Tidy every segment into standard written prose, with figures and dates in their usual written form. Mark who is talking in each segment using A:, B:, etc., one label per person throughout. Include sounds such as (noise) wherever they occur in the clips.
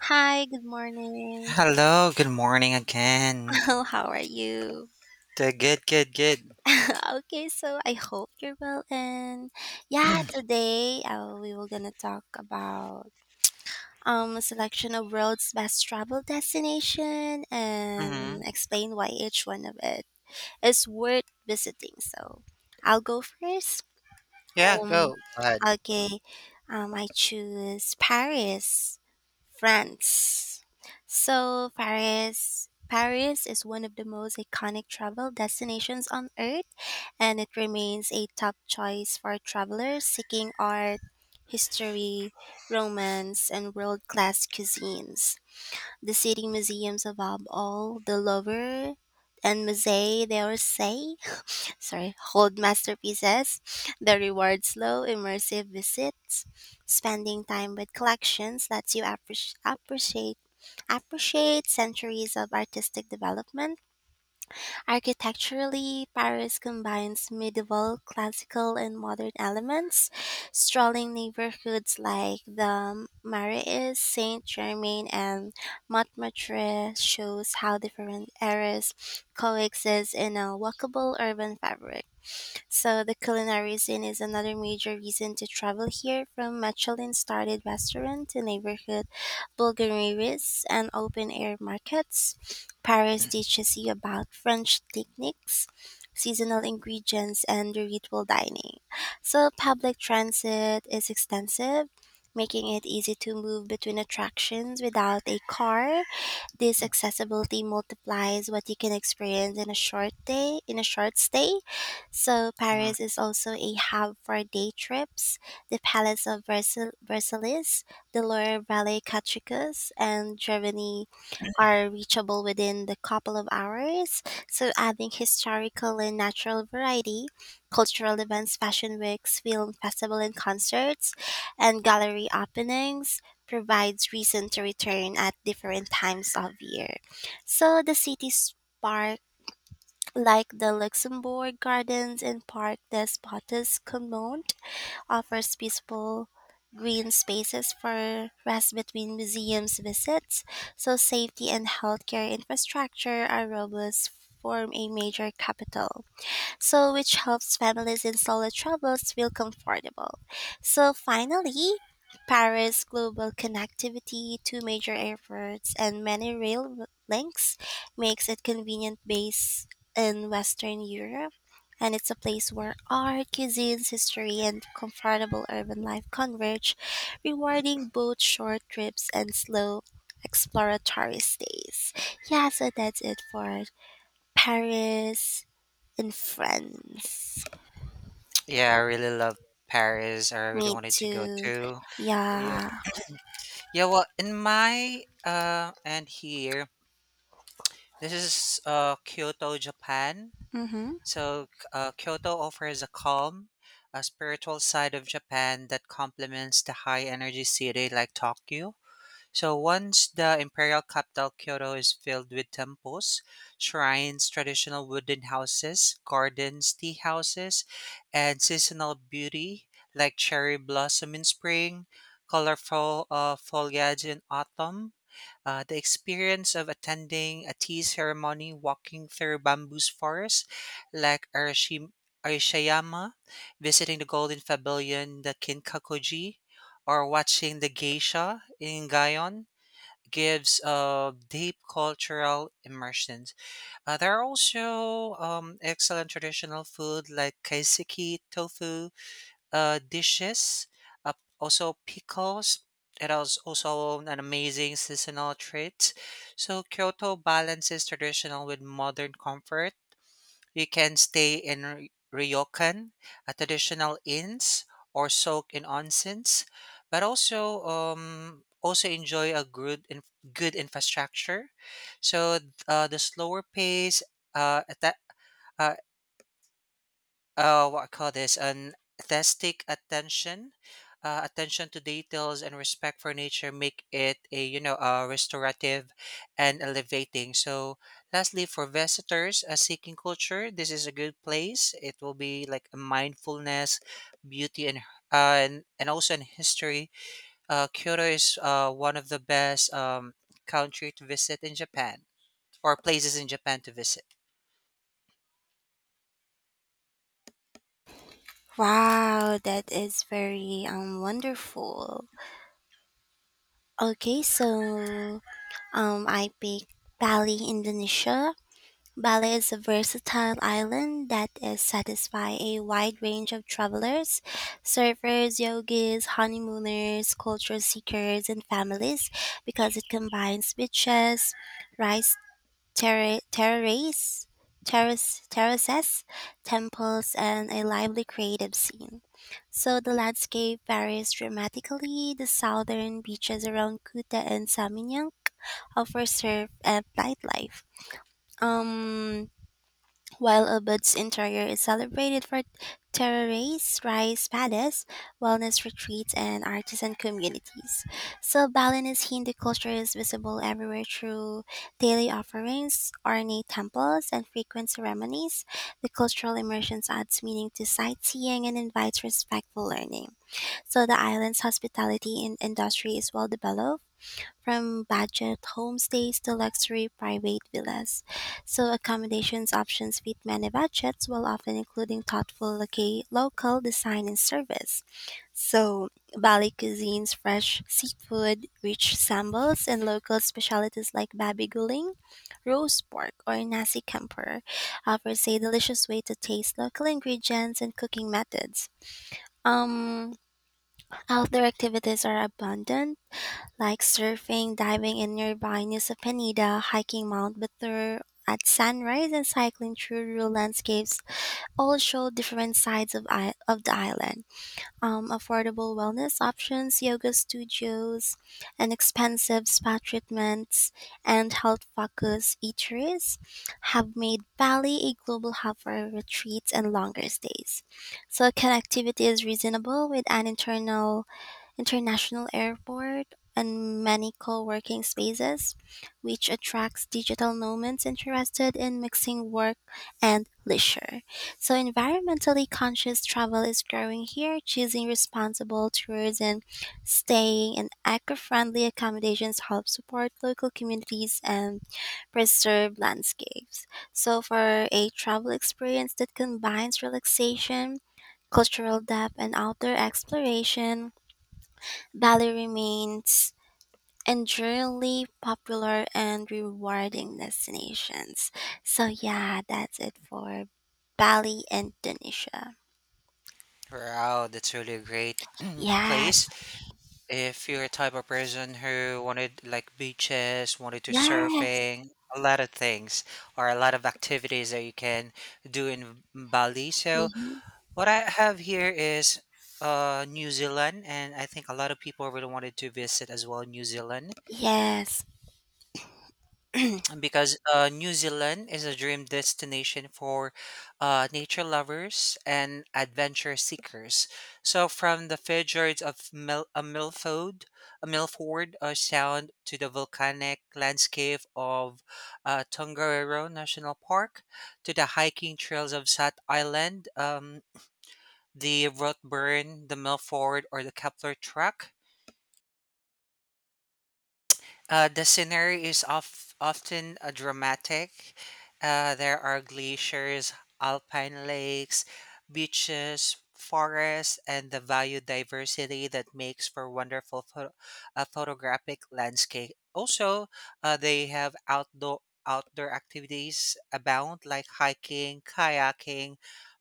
A: Hi, good morning.
B: Hello, good morning again.
A: (laughs) How are you?
B: Good.
A: (laughs) Okay, so I hope you're well. And yeah,
B: (clears throat)
A: today we were gonna talk about a selection of world's best travel destination
B: hmm
A: and explain why each one of it is worth visiting. So I'll go first.
B: Yeah,
A: Um,
B: go. Go ahead.
A: okay, I choose Paris France. So, Paris is one of the most iconic travel destinations on earth, and it remains a top choice for travelers seeking art, history, romance, and world class cuisines. The city museums above all, the Louvre and Musée d'Orsay, sorry, hold masterpieces, the reward slow, immersive visits, spending time with collections lets you appreciate centuries of artistic development. Architecturally, Paris combines medieval, classical, and modern elements. Strolling neighborhoods like the Marais, Saint Germain, and Montmartre shows how different eras coexist in a walkable urban fabric. So the culinary scene is another major reason to travel here, from Michelin-starred restaurant to neighborhood bulgarieries and open-air markets. Paris teaches you about French techniques, seasonal ingredients, and ritual dining. So public transit is extensive, making it easy to move between attractions without a car this accessibility multiplies what you can experience in a short day, in a short stay. So
B: hmm
A: Paris is also a hub for day trips. The Palace of Versailles, the Loire Valley Catricus, and Germany are reachable within the couple of hours. So adding historical and natural variety, cultural events, fashion weeks, film festival and concerts, and gallery openings provides reason to return at different times of year. So the city's park, like the Luxembourg Gardens and Parc des Potes Communes, offers peaceful green spaces for rest between museums visits. So safety and healthcare infrastructure are robust form a major capital so which helps families in solo travels feel comfortable. So finally, Paris global connectivity, two major airports, and many rail links makes it convenient base in Western Europe. And it's a place where art, cuisines, history, and comfortable urban life converge, rewarding both short trips and slow exploratory stays. Yeah, so that's it for Paris and friends.
B: Yeah, I really love Paris. I really
A: Me
B: wanted to go
A: too.
B: too. Yeah.
A: Yeah.
B: Yeah, well, in my and here, this is Kyoto, Japan.
A: Mm-hmm.
B: So, Kyoto offers a calm, a spiritual side of Japan that complements the high energy city like Tokyo. So once the imperial capital, Kyoto is filled with temples, shrines, traditional wooden houses, gardens, tea houses, and seasonal beauty like cherry blossom in spring, colorful foliage in autumn. The experience of attending a tea ceremony, walking through bamboo forests like Arashiyama, visiting the Golden Pavilion, the Kinkakuji, or watching the geisha in Gaon gives deep cultural immersions. There are also excellent traditional food like kaiseki, tofu dishes, uh, also pickles. It is also an amazing seasonal treat. So Kyoto balances traditional with modern comfort. You can stay in ryokan, a traditional inns, or soak in onsens, but also enjoy a good infrastructure. So the slower pace, uh, atta- uh, what I call this an aesthetic attention, attention to details and respect for nature make it a a restorative and elevating. So lastly, for visitors seeking culture, this is a good place. It will be like a mindfulness, beauty, and and also in history. Kyoto is one of the best, country to visit in Japan, or places in Japan to visit.
A: Wow, that is very wonderful. Okay, so I picked Bali, Indonesia. Bali is a versatile island that is satisfy a wide range of travelers, surfers, yogis, honeymooners, culture seekers, and families because it combines beaches, rice terra- terrace, terrace, terraces, temples, and a lively creative scene. So the landscape varies dramatically. The southern beaches around Kuta and Saminyak offer surf and nightlife. Um, while Ubud's interior is celebrated for terraces, rice paddies, wellness retreats, and artisan communities. So, Balinese Hindu culture is visible everywhere through daily offerings, ornate temples, and frequent ceremonies. The cultural immersion adds meaning to sightseeing and invites respectful learning. So, the island's hospitality and industry is well developed from budget homestays to luxury private villas. So accommodations options fit many budgets while often including thoughtful local design and service. So Bali cuisines, fresh seafood, rich sambals, and local specialties like babi guling, roast pork, or nasi campur offers a delicious way to taste local ingredients and cooking methods. Um, outdoor activities are abundant like surfing, diving in nearby Nusa Penida, hiking Mount Batur at sunrise, and cycling through rural landscapes all show different sides of the island. Affordable wellness options, yoga studios, and expensive spa treatments and health focused eateries have made Bali a global hub for retreats and longer stays. So connectivity is reasonable with an internal international airport, and many co working spaces, which attracts digital nomads interested in mixing work and leisure. So, environmentally conscious travel is growing here, choosing responsible tours and staying in eco friendly accommodations help support local communities and preserve landscapes. So, for a travel experience that combines relaxation, cultural depth, and outdoor exploration, Bali remains enduringly popular and rewarding destinations. So yeah, that's it for Bali, Indonesia.
B: Wow, that's really a great (clears throat)
A: Yes,
B: place. If you're a type of person who wanted like beaches, wanted to
A: yes,
B: surfing, a lot of things or a lot of activities that you can do in Bali. So
A: hmm
B: what I have here is New Zealand, and I think a lot of people really wanted to visit as well New Zealand.
A: yes.
B: Because New Zealand is a dream destination for nature lovers and adventure seekers. So, from the fjords of Milford, Milford Sound, to the volcanic landscape of Tongariro National Park, to the hiking trails of Sat Island, the Rothburn, the Milford, or the Kepler Track. The scenery is of, often dramatic. There are glaciers, alpine lakes, beaches, forests, and the value diversity that makes for wonderful photographic landscape. Also, they have outdoor activities abound like hiking, kayaking,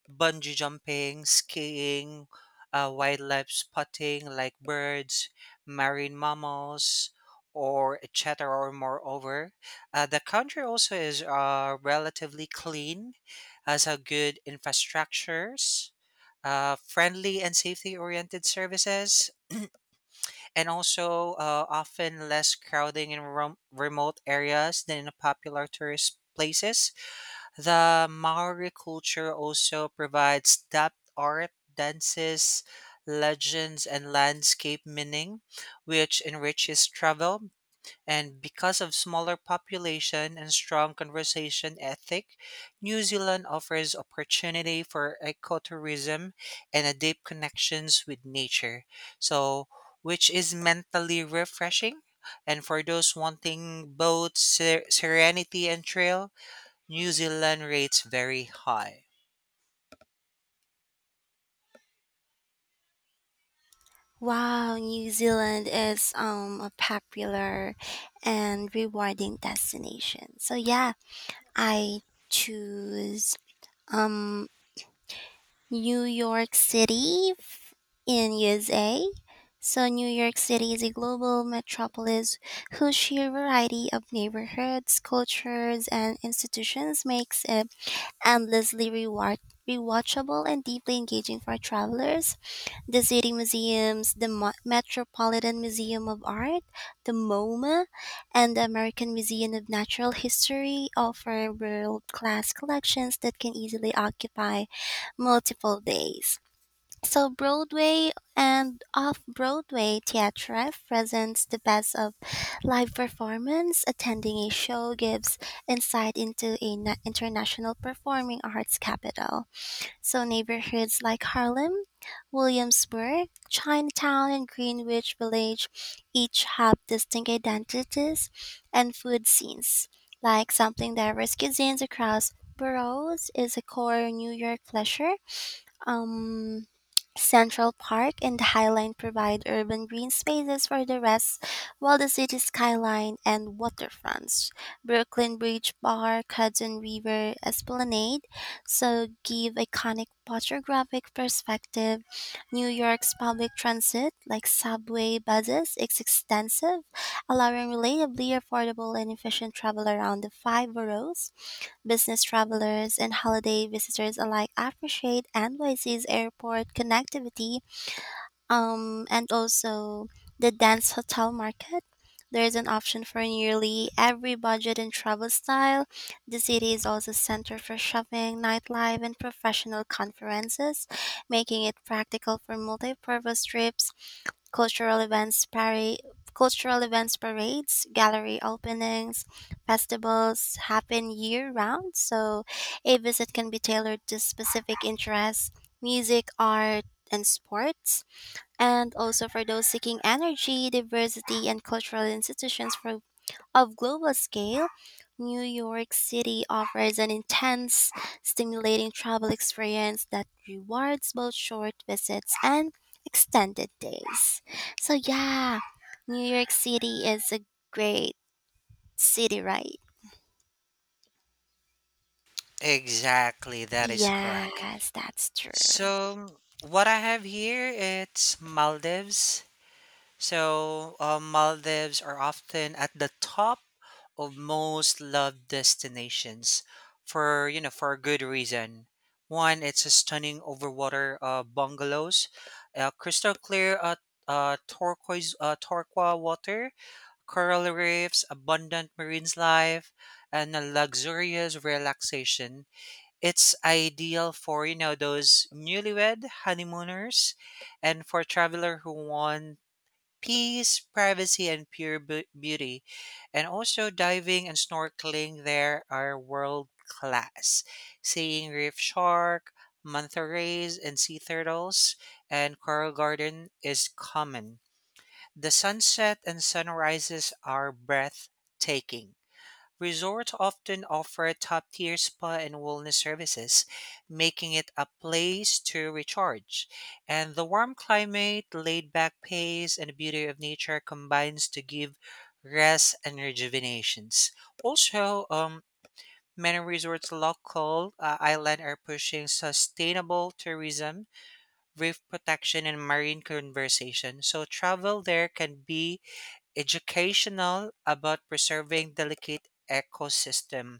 B: bungee jumping, skiing, wildlife spotting like birds, marine mammals, or etc. Or moreover, the country also is relatively clean, has a good infrastructures, friendly and safety-oriented services, and also often less crowding in remote areas than in popular tourist places. The Maori culture also provides depth art, dances, legends, and landscape meaning, which enriches travel. And because of smaller population and strong conversation ethic, New Zealand offers opportunity for ecotourism and a deep connections with nature. So, which is mentally refreshing. And for those wanting both serenity and trail, New Zealand rates very high.
A: Wow, New Zealand is a popular and rewarding destination. So yeah, I choose um New York City in USA. So New York City is a global metropolis whose sheer variety of neighborhoods, cultures, and institutions makes it endlessly rewatchable and deeply engaging for travelers the city museums, the Metropolitan Museum of Art, the MoMA, and the American Museum of Natural History offer world class collections that can easily occupy multiple days. So, Broadway and off Broadway theatre presents the best of live performance. Attending a show gives insight into an international performing arts capital. So neighborhoods like Harlem, Williamsburg, Chinatown, and Greenwich Village each have distinct identities and food scenes. Like sampling diverse cuisines across boroughs is a core New York pleasure. Um, Central Park and the Highline provide urban green spaces for the rest, while the city skyline and waterfronts, Brooklyn Bridge Park, Hudson River Esplanade, so give iconic photographic perspective. New York's public transit, like subway buses, is extensive, allowing relatively affordable and efficient travel around the five boroughs. Business travelers and holiday visitors alike appreciate NYC's airport connectivity and also the dense Hotel Market. There is an option for nearly every budget and travel style. The city is also a center for shopping, nightlife, and professional conferences, making it practical for multi-purpose trips cultural events parade cultural events parades gallery openings festivals happen year round so a visit can be tailored to specific interests music art and sports and also for those seeking energy diversity and cultural institutions for of global scale, New York City offers an intense, stimulating travel experience that rewards both short visits and extended days. So, yeah, New York City is a great city, right?
B: Exactly, that is correct.
A: Yes, that's true.
B: So what I have here it's Maldives. So Maldives are often at the top of most loved destinations for for a good reason. One, it's a stunning overwater bungalows, crystal clear turquoise, turquoise water, coral reefs, abundant marine life, and a luxurious relaxation. It's ideal for, those newlywed honeymooners and for traveler who want peace, privacy, and pure beauty. And also diving and snorkeling there are world class. Seeing reef shark, manta rays, and sea turtles and coral garden is common. The sunset and sunrises are breathtaking. Resorts often offer top tier spa and wellness services, making it a place to recharge. And the warm climate, laid back pace, and beauty of nature combines to give rest and rejuvenations. Also, many resorts local island are pushing sustainable tourism, reef protection, and marine conservation. So travel there can be educational about preserving delicate ecosystem.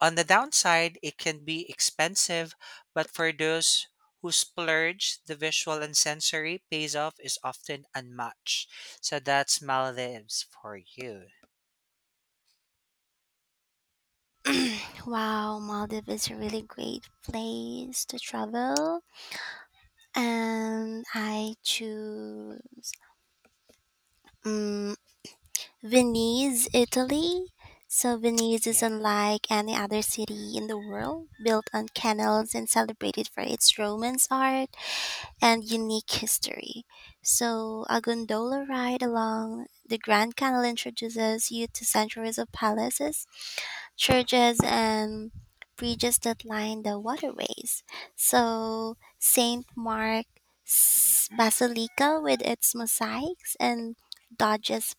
B: On the downside, it can be expensive, but for those who splurge, the visual and sensory pays off is often unmatched. So that's Maldives for you.
A: Wow, Maldives is a really great place to travel, and I choose. Mm Venice, Italy. So, Venice is
B: Yeah.
A: unlike any other city in the world, built on canals and celebrated for its Romance art and unique history. So, a gondola ride along the Grand Canal introduces you to centuries of palaces, churches, and bridges that line the waterways. So, St. Mark's Basilica with its mosaics and Dodge's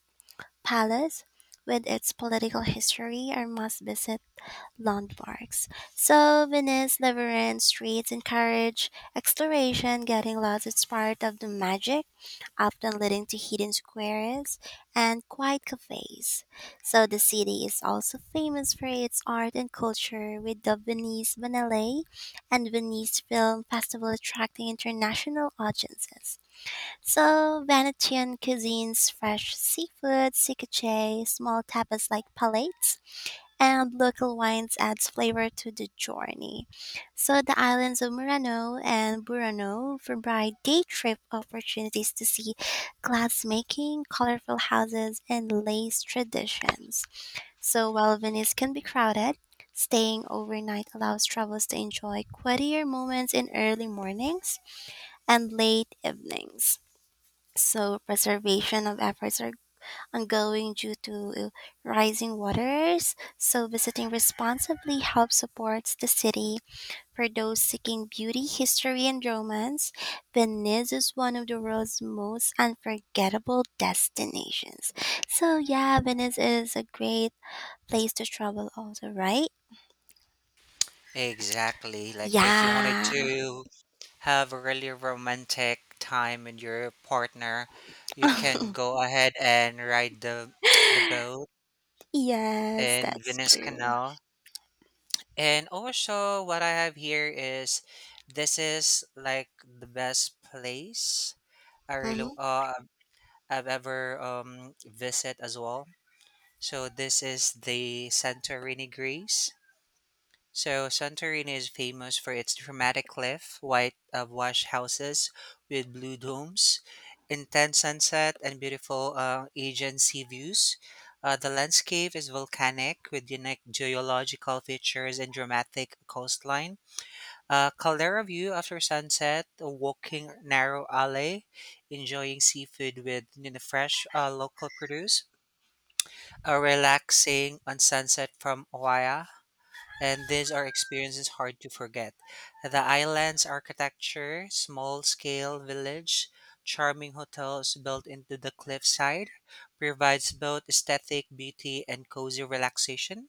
A: palace with its political history are must visit landmarks. So Venice, labyrinth streets encourage exploration, getting lost is part of the magic, often leading to hidden squares and quiet cafes. So the city is also famous for its art and culture with the Venice Biennale and Venice Film Festival attracting international audiences. So, Venetian cuisine's fresh seafood, ceviche, small tapas like palates, and local wines adds flavor to the journey. So, the islands of Murano and Burano provide day trip opportunities to see glassmaking, colorful houses, and lace traditions. So, while Venice can be crowded, staying overnight allows travelers to enjoy quieter moments in early mornings and late evenings. So preservation of efforts are ongoing due to rising waters. So visiting responsibly helps supports the city for those seeking beauty, history, and romance. Venice is one of the world's most unforgettable destinations. So yeah, Venice is a great place to travel also, right?
B: Exactly. Like if you wanted
A: Yeah.
B: to have a really romantic time with your partner, you
A: (laughs)
B: can go ahead and ride the boat
A: yes,
B: in
A: that's
B: Venice
A: true.
B: Canal. And also, what I have here is this is like the best place I
A: Mm-hmm.
B: I've ever visit as well. So this is the Santorini, Greece. So Santorini is famous for its dramatic cliff, white wash houses with blue domes, intense sunset, and beautiful Aegean sea views. The landscape is volcanic with unique geological features and dramatic coastline, a caldera view after sunset, a walking narrow alley, enjoying seafood with fresh local produce, a relaxing on sunset from Oaya. And these are experiences hard to forget. The island's architecture, small scale village, charming hotels built into the cliffside provides both aesthetic beauty and cozy relaxation.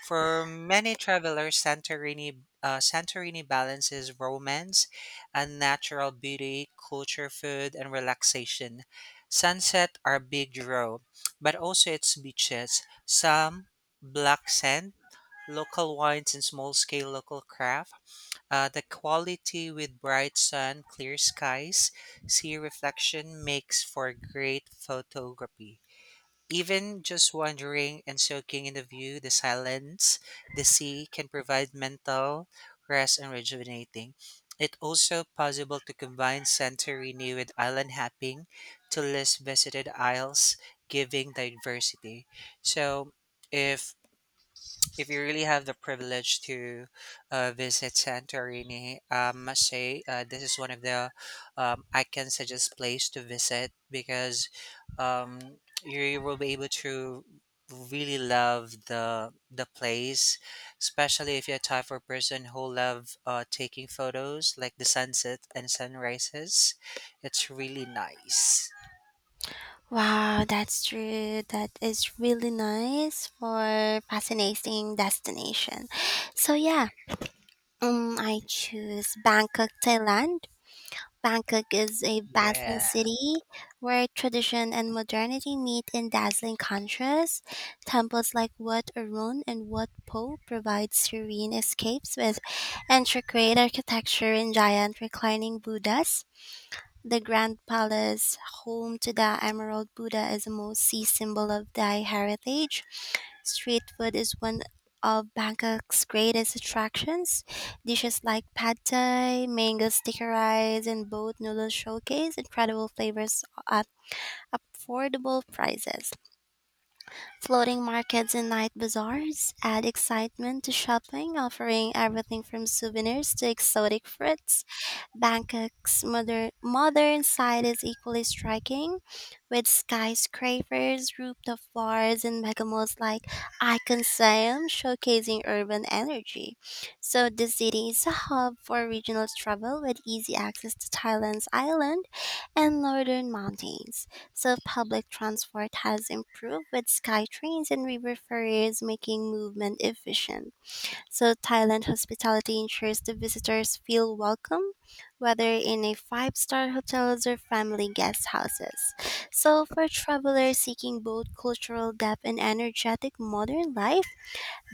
B: For many travelers, Santorini balances romance and natural beauty, culture, food, and relaxation. Sunset are big draw, but also its beaches, some black sand, local wines, and small scale local craft. The quality with bright sun, clear skies, sea reflection makes for great photography. Even just wandering and soaking in the view, the silence, the sea can provide mental rest and rejuvenating. It also possible to combine Santorini with island hopping to less visited isles, giving diversity. So, if if you really have the privilege to visit Santorini, I must say this is one of the, I can suggest place to visit, because you will be able to really love the place, especially if you're a type of person who love taking photos like the sunset and sunrises. It's really nice.
A: Wow, that's true. That is really nice for fascinating destination. So yeah, I choose Bangkok, Thailand. Bangkok is a bustling
B: Yeah,
A: city where tradition and modernity meet in dazzling contrast. Temples like Wat Arun and Wat Po provide serene escapes with intricate architecture and giant reclining Buddhas. The Grand Palace, home to the Emerald Buddha, is a most see symbol of Thai heritage. Street food is one of Bangkok's greatest attractions. Dishes like pad thai, mango sticky rice, and boat noodles showcase incredible flavors at affordable prices. Floating markets and night bazaars add excitement to shopping, offering everything from souvenirs to exotic fruits. Bangkok's modern side is equally striking, with skyscrapers, rooftop bars, and mega malls like Icon Siam showcasing urban energy. So the city is a hub for regional travel with easy access to Thailand's island and northern mountains. So public transport has improved with sky trains and river ferries making movement efficient. So Thailand hospitality ensures the visitors feel welcome, whether in a five-star hotels or family guest houses. So for travelers seeking both cultural depth and energetic modern life,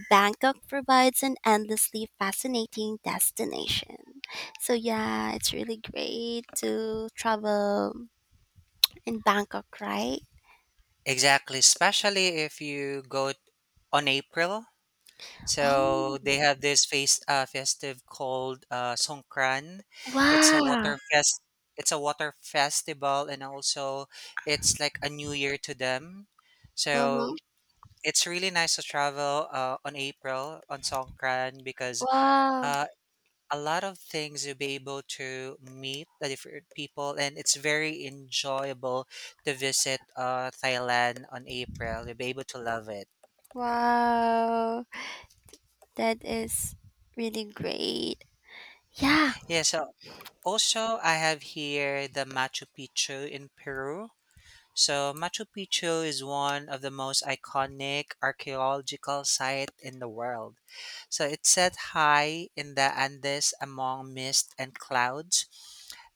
A: Bangkok provides an endlessly fascinating destination. So yeah, it's really great to travel in Bangkok, right?
B: exactly. Especially if you go on April. So
A: Oh,
B: they have this face festive called Songkran. It's a
A: wow.
B: water fest. It's a water festival, and also it's like a new year to them.
A: Mm-hmm.
B: So it's really nice to travel on April on Songkran, because
A: Wow.
B: uh, a lot of things, you'll be able to meet the different people, and it's very enjoyable to visit Thailand on April. You'll be able to love it.
A: Wow. That is really great. Yeah.
B: Yeah, so also, I have here the Machu Picchu in Peru. So, Machu Picchu is one of the most iconic archaeological sites in the world. So, it's set high in the Andes among mist and clouds.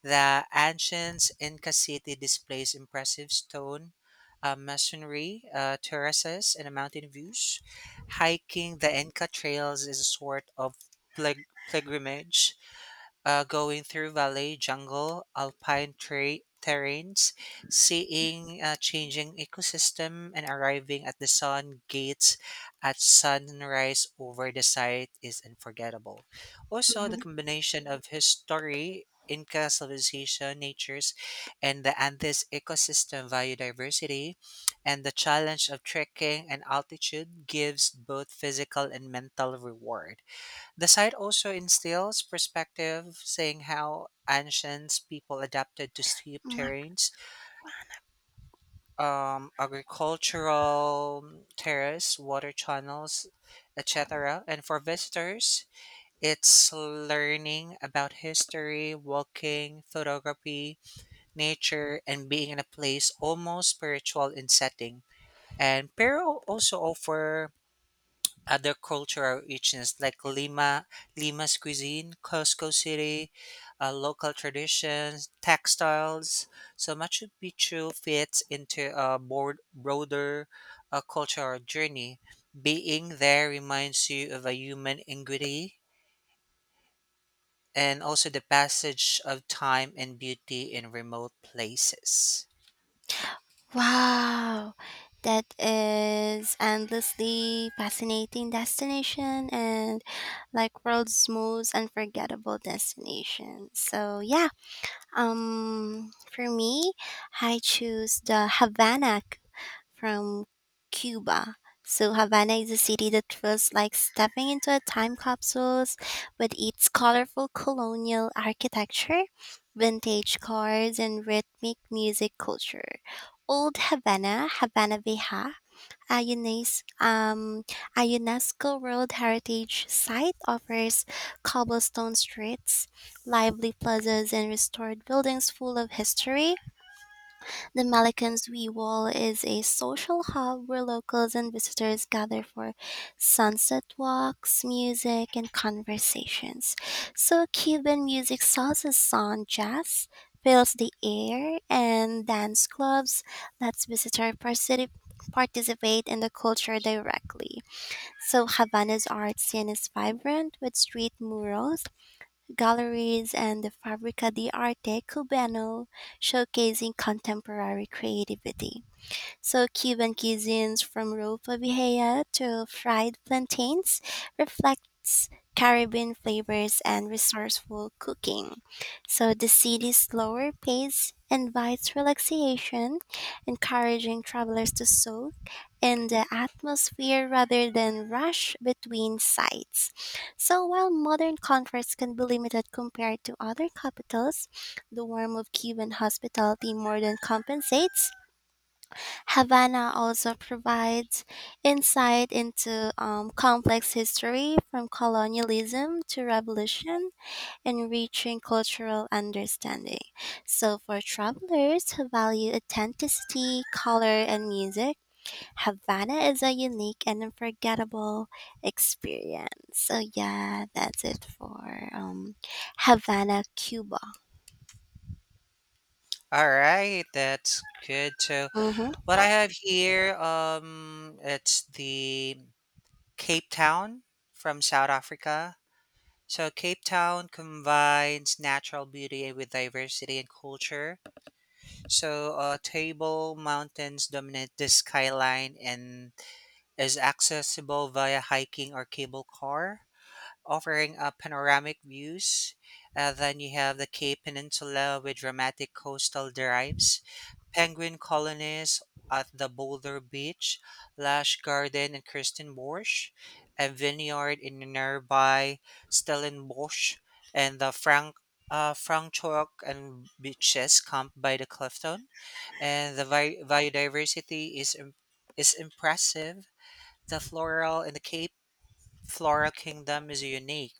B: The ancient Inca city displays impressive stone masonry, terraces, and mountain views. Hiking the Inca trails is a sort of pilgrimage, going through valley, jungle, alpine terrains, seeing changing ecosystem, and arriving at the sun gates at sunrise over the site is unforgettable. Also, the
A: Mm-hmm.
B: combination of history, Inca civilization, natures, and the Andes ecosystem biodiversity, and the challenge of trekking and altitude gives both physical and mental reward. The site also instills perspective, saying how ancient people adapted to steep terrains, agricultural terrace, water channels, etc. And for visitors, it's learning about history, walking, photography, nature, and being in a place almost spiritual in setting. And Peru also offer other cultural richness like Lima's cuisine, Costco City, local traditions, textiles. So Machu Picchu fits into a broader cultural journey. Being there reminds you of a human ingenuity and also the passage of time and beauty in remote places.
A: Wow. That is endlessly fascinating destination and like world's most unforgettable destination. So yeah, for me, I choose the Havana from Cuba. So Havana is a city that feels like stepping into a time capsule with its colorful colonial architecture, vintage cars, and rhythmic music culture. Old Havana, Havana Vieja, a UNES- um, a UNESCO World Heritage Site offers cobblestone streets, lively plazas, and restored buildings full of history the Malacan's Wee Wall is a social hub where locals and visitors gather for sunset walks, music, and conversations. So Cuban music, salsa, song, jazz fills the air, and dance clubs lets visitors participate in the culture directly. So Havana's art scene is vibrant with street murals galleries, and the Fabbrica di Arte Cubano, showcasing contemporary creativity. So, Cuban cuisines from ropa vieja to fried plantains reflects Caribbean flavors and resourceful cooking. So, the city's slower pace invites relaxation, encouraging travelers to soak in the atmosphere rather than rush between sites. So while modern comforts can be limited compared to other capitals, the warmth of Cuban hospitality more than compensates Havana also provides insight into complex history from colonialism to revolution, enriching cultural understanding. So, for travelers who value authenticity, color, and music, Havana is a unique and unforgettable experience. So, yeah, that's it for Havana, Cuba.
B: All right, that's good. So
A: Mhm.
B: what I have here, it's the Cape Town from South Africa. So Cape Town combines natural beauty with diversity and culture. So table mountains dominate the skyline and is accessible via hiking or cable car, offering panoramic views. Then you have the Cape Peninsula with dramatic coastal drives, Penguin colonies at the Boulder Beach, Lash Garden in Kirstenbosch, and vineyard in nearby Stellenbosch, and the Frank Franschhoek, and beaches camp by the Clifton, and the vi- biodiversity is im- is impressive. The floral in the Cape Flora Kingdom is unique.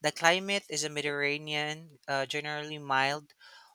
B: The climate is a Mediterranean, generally mild,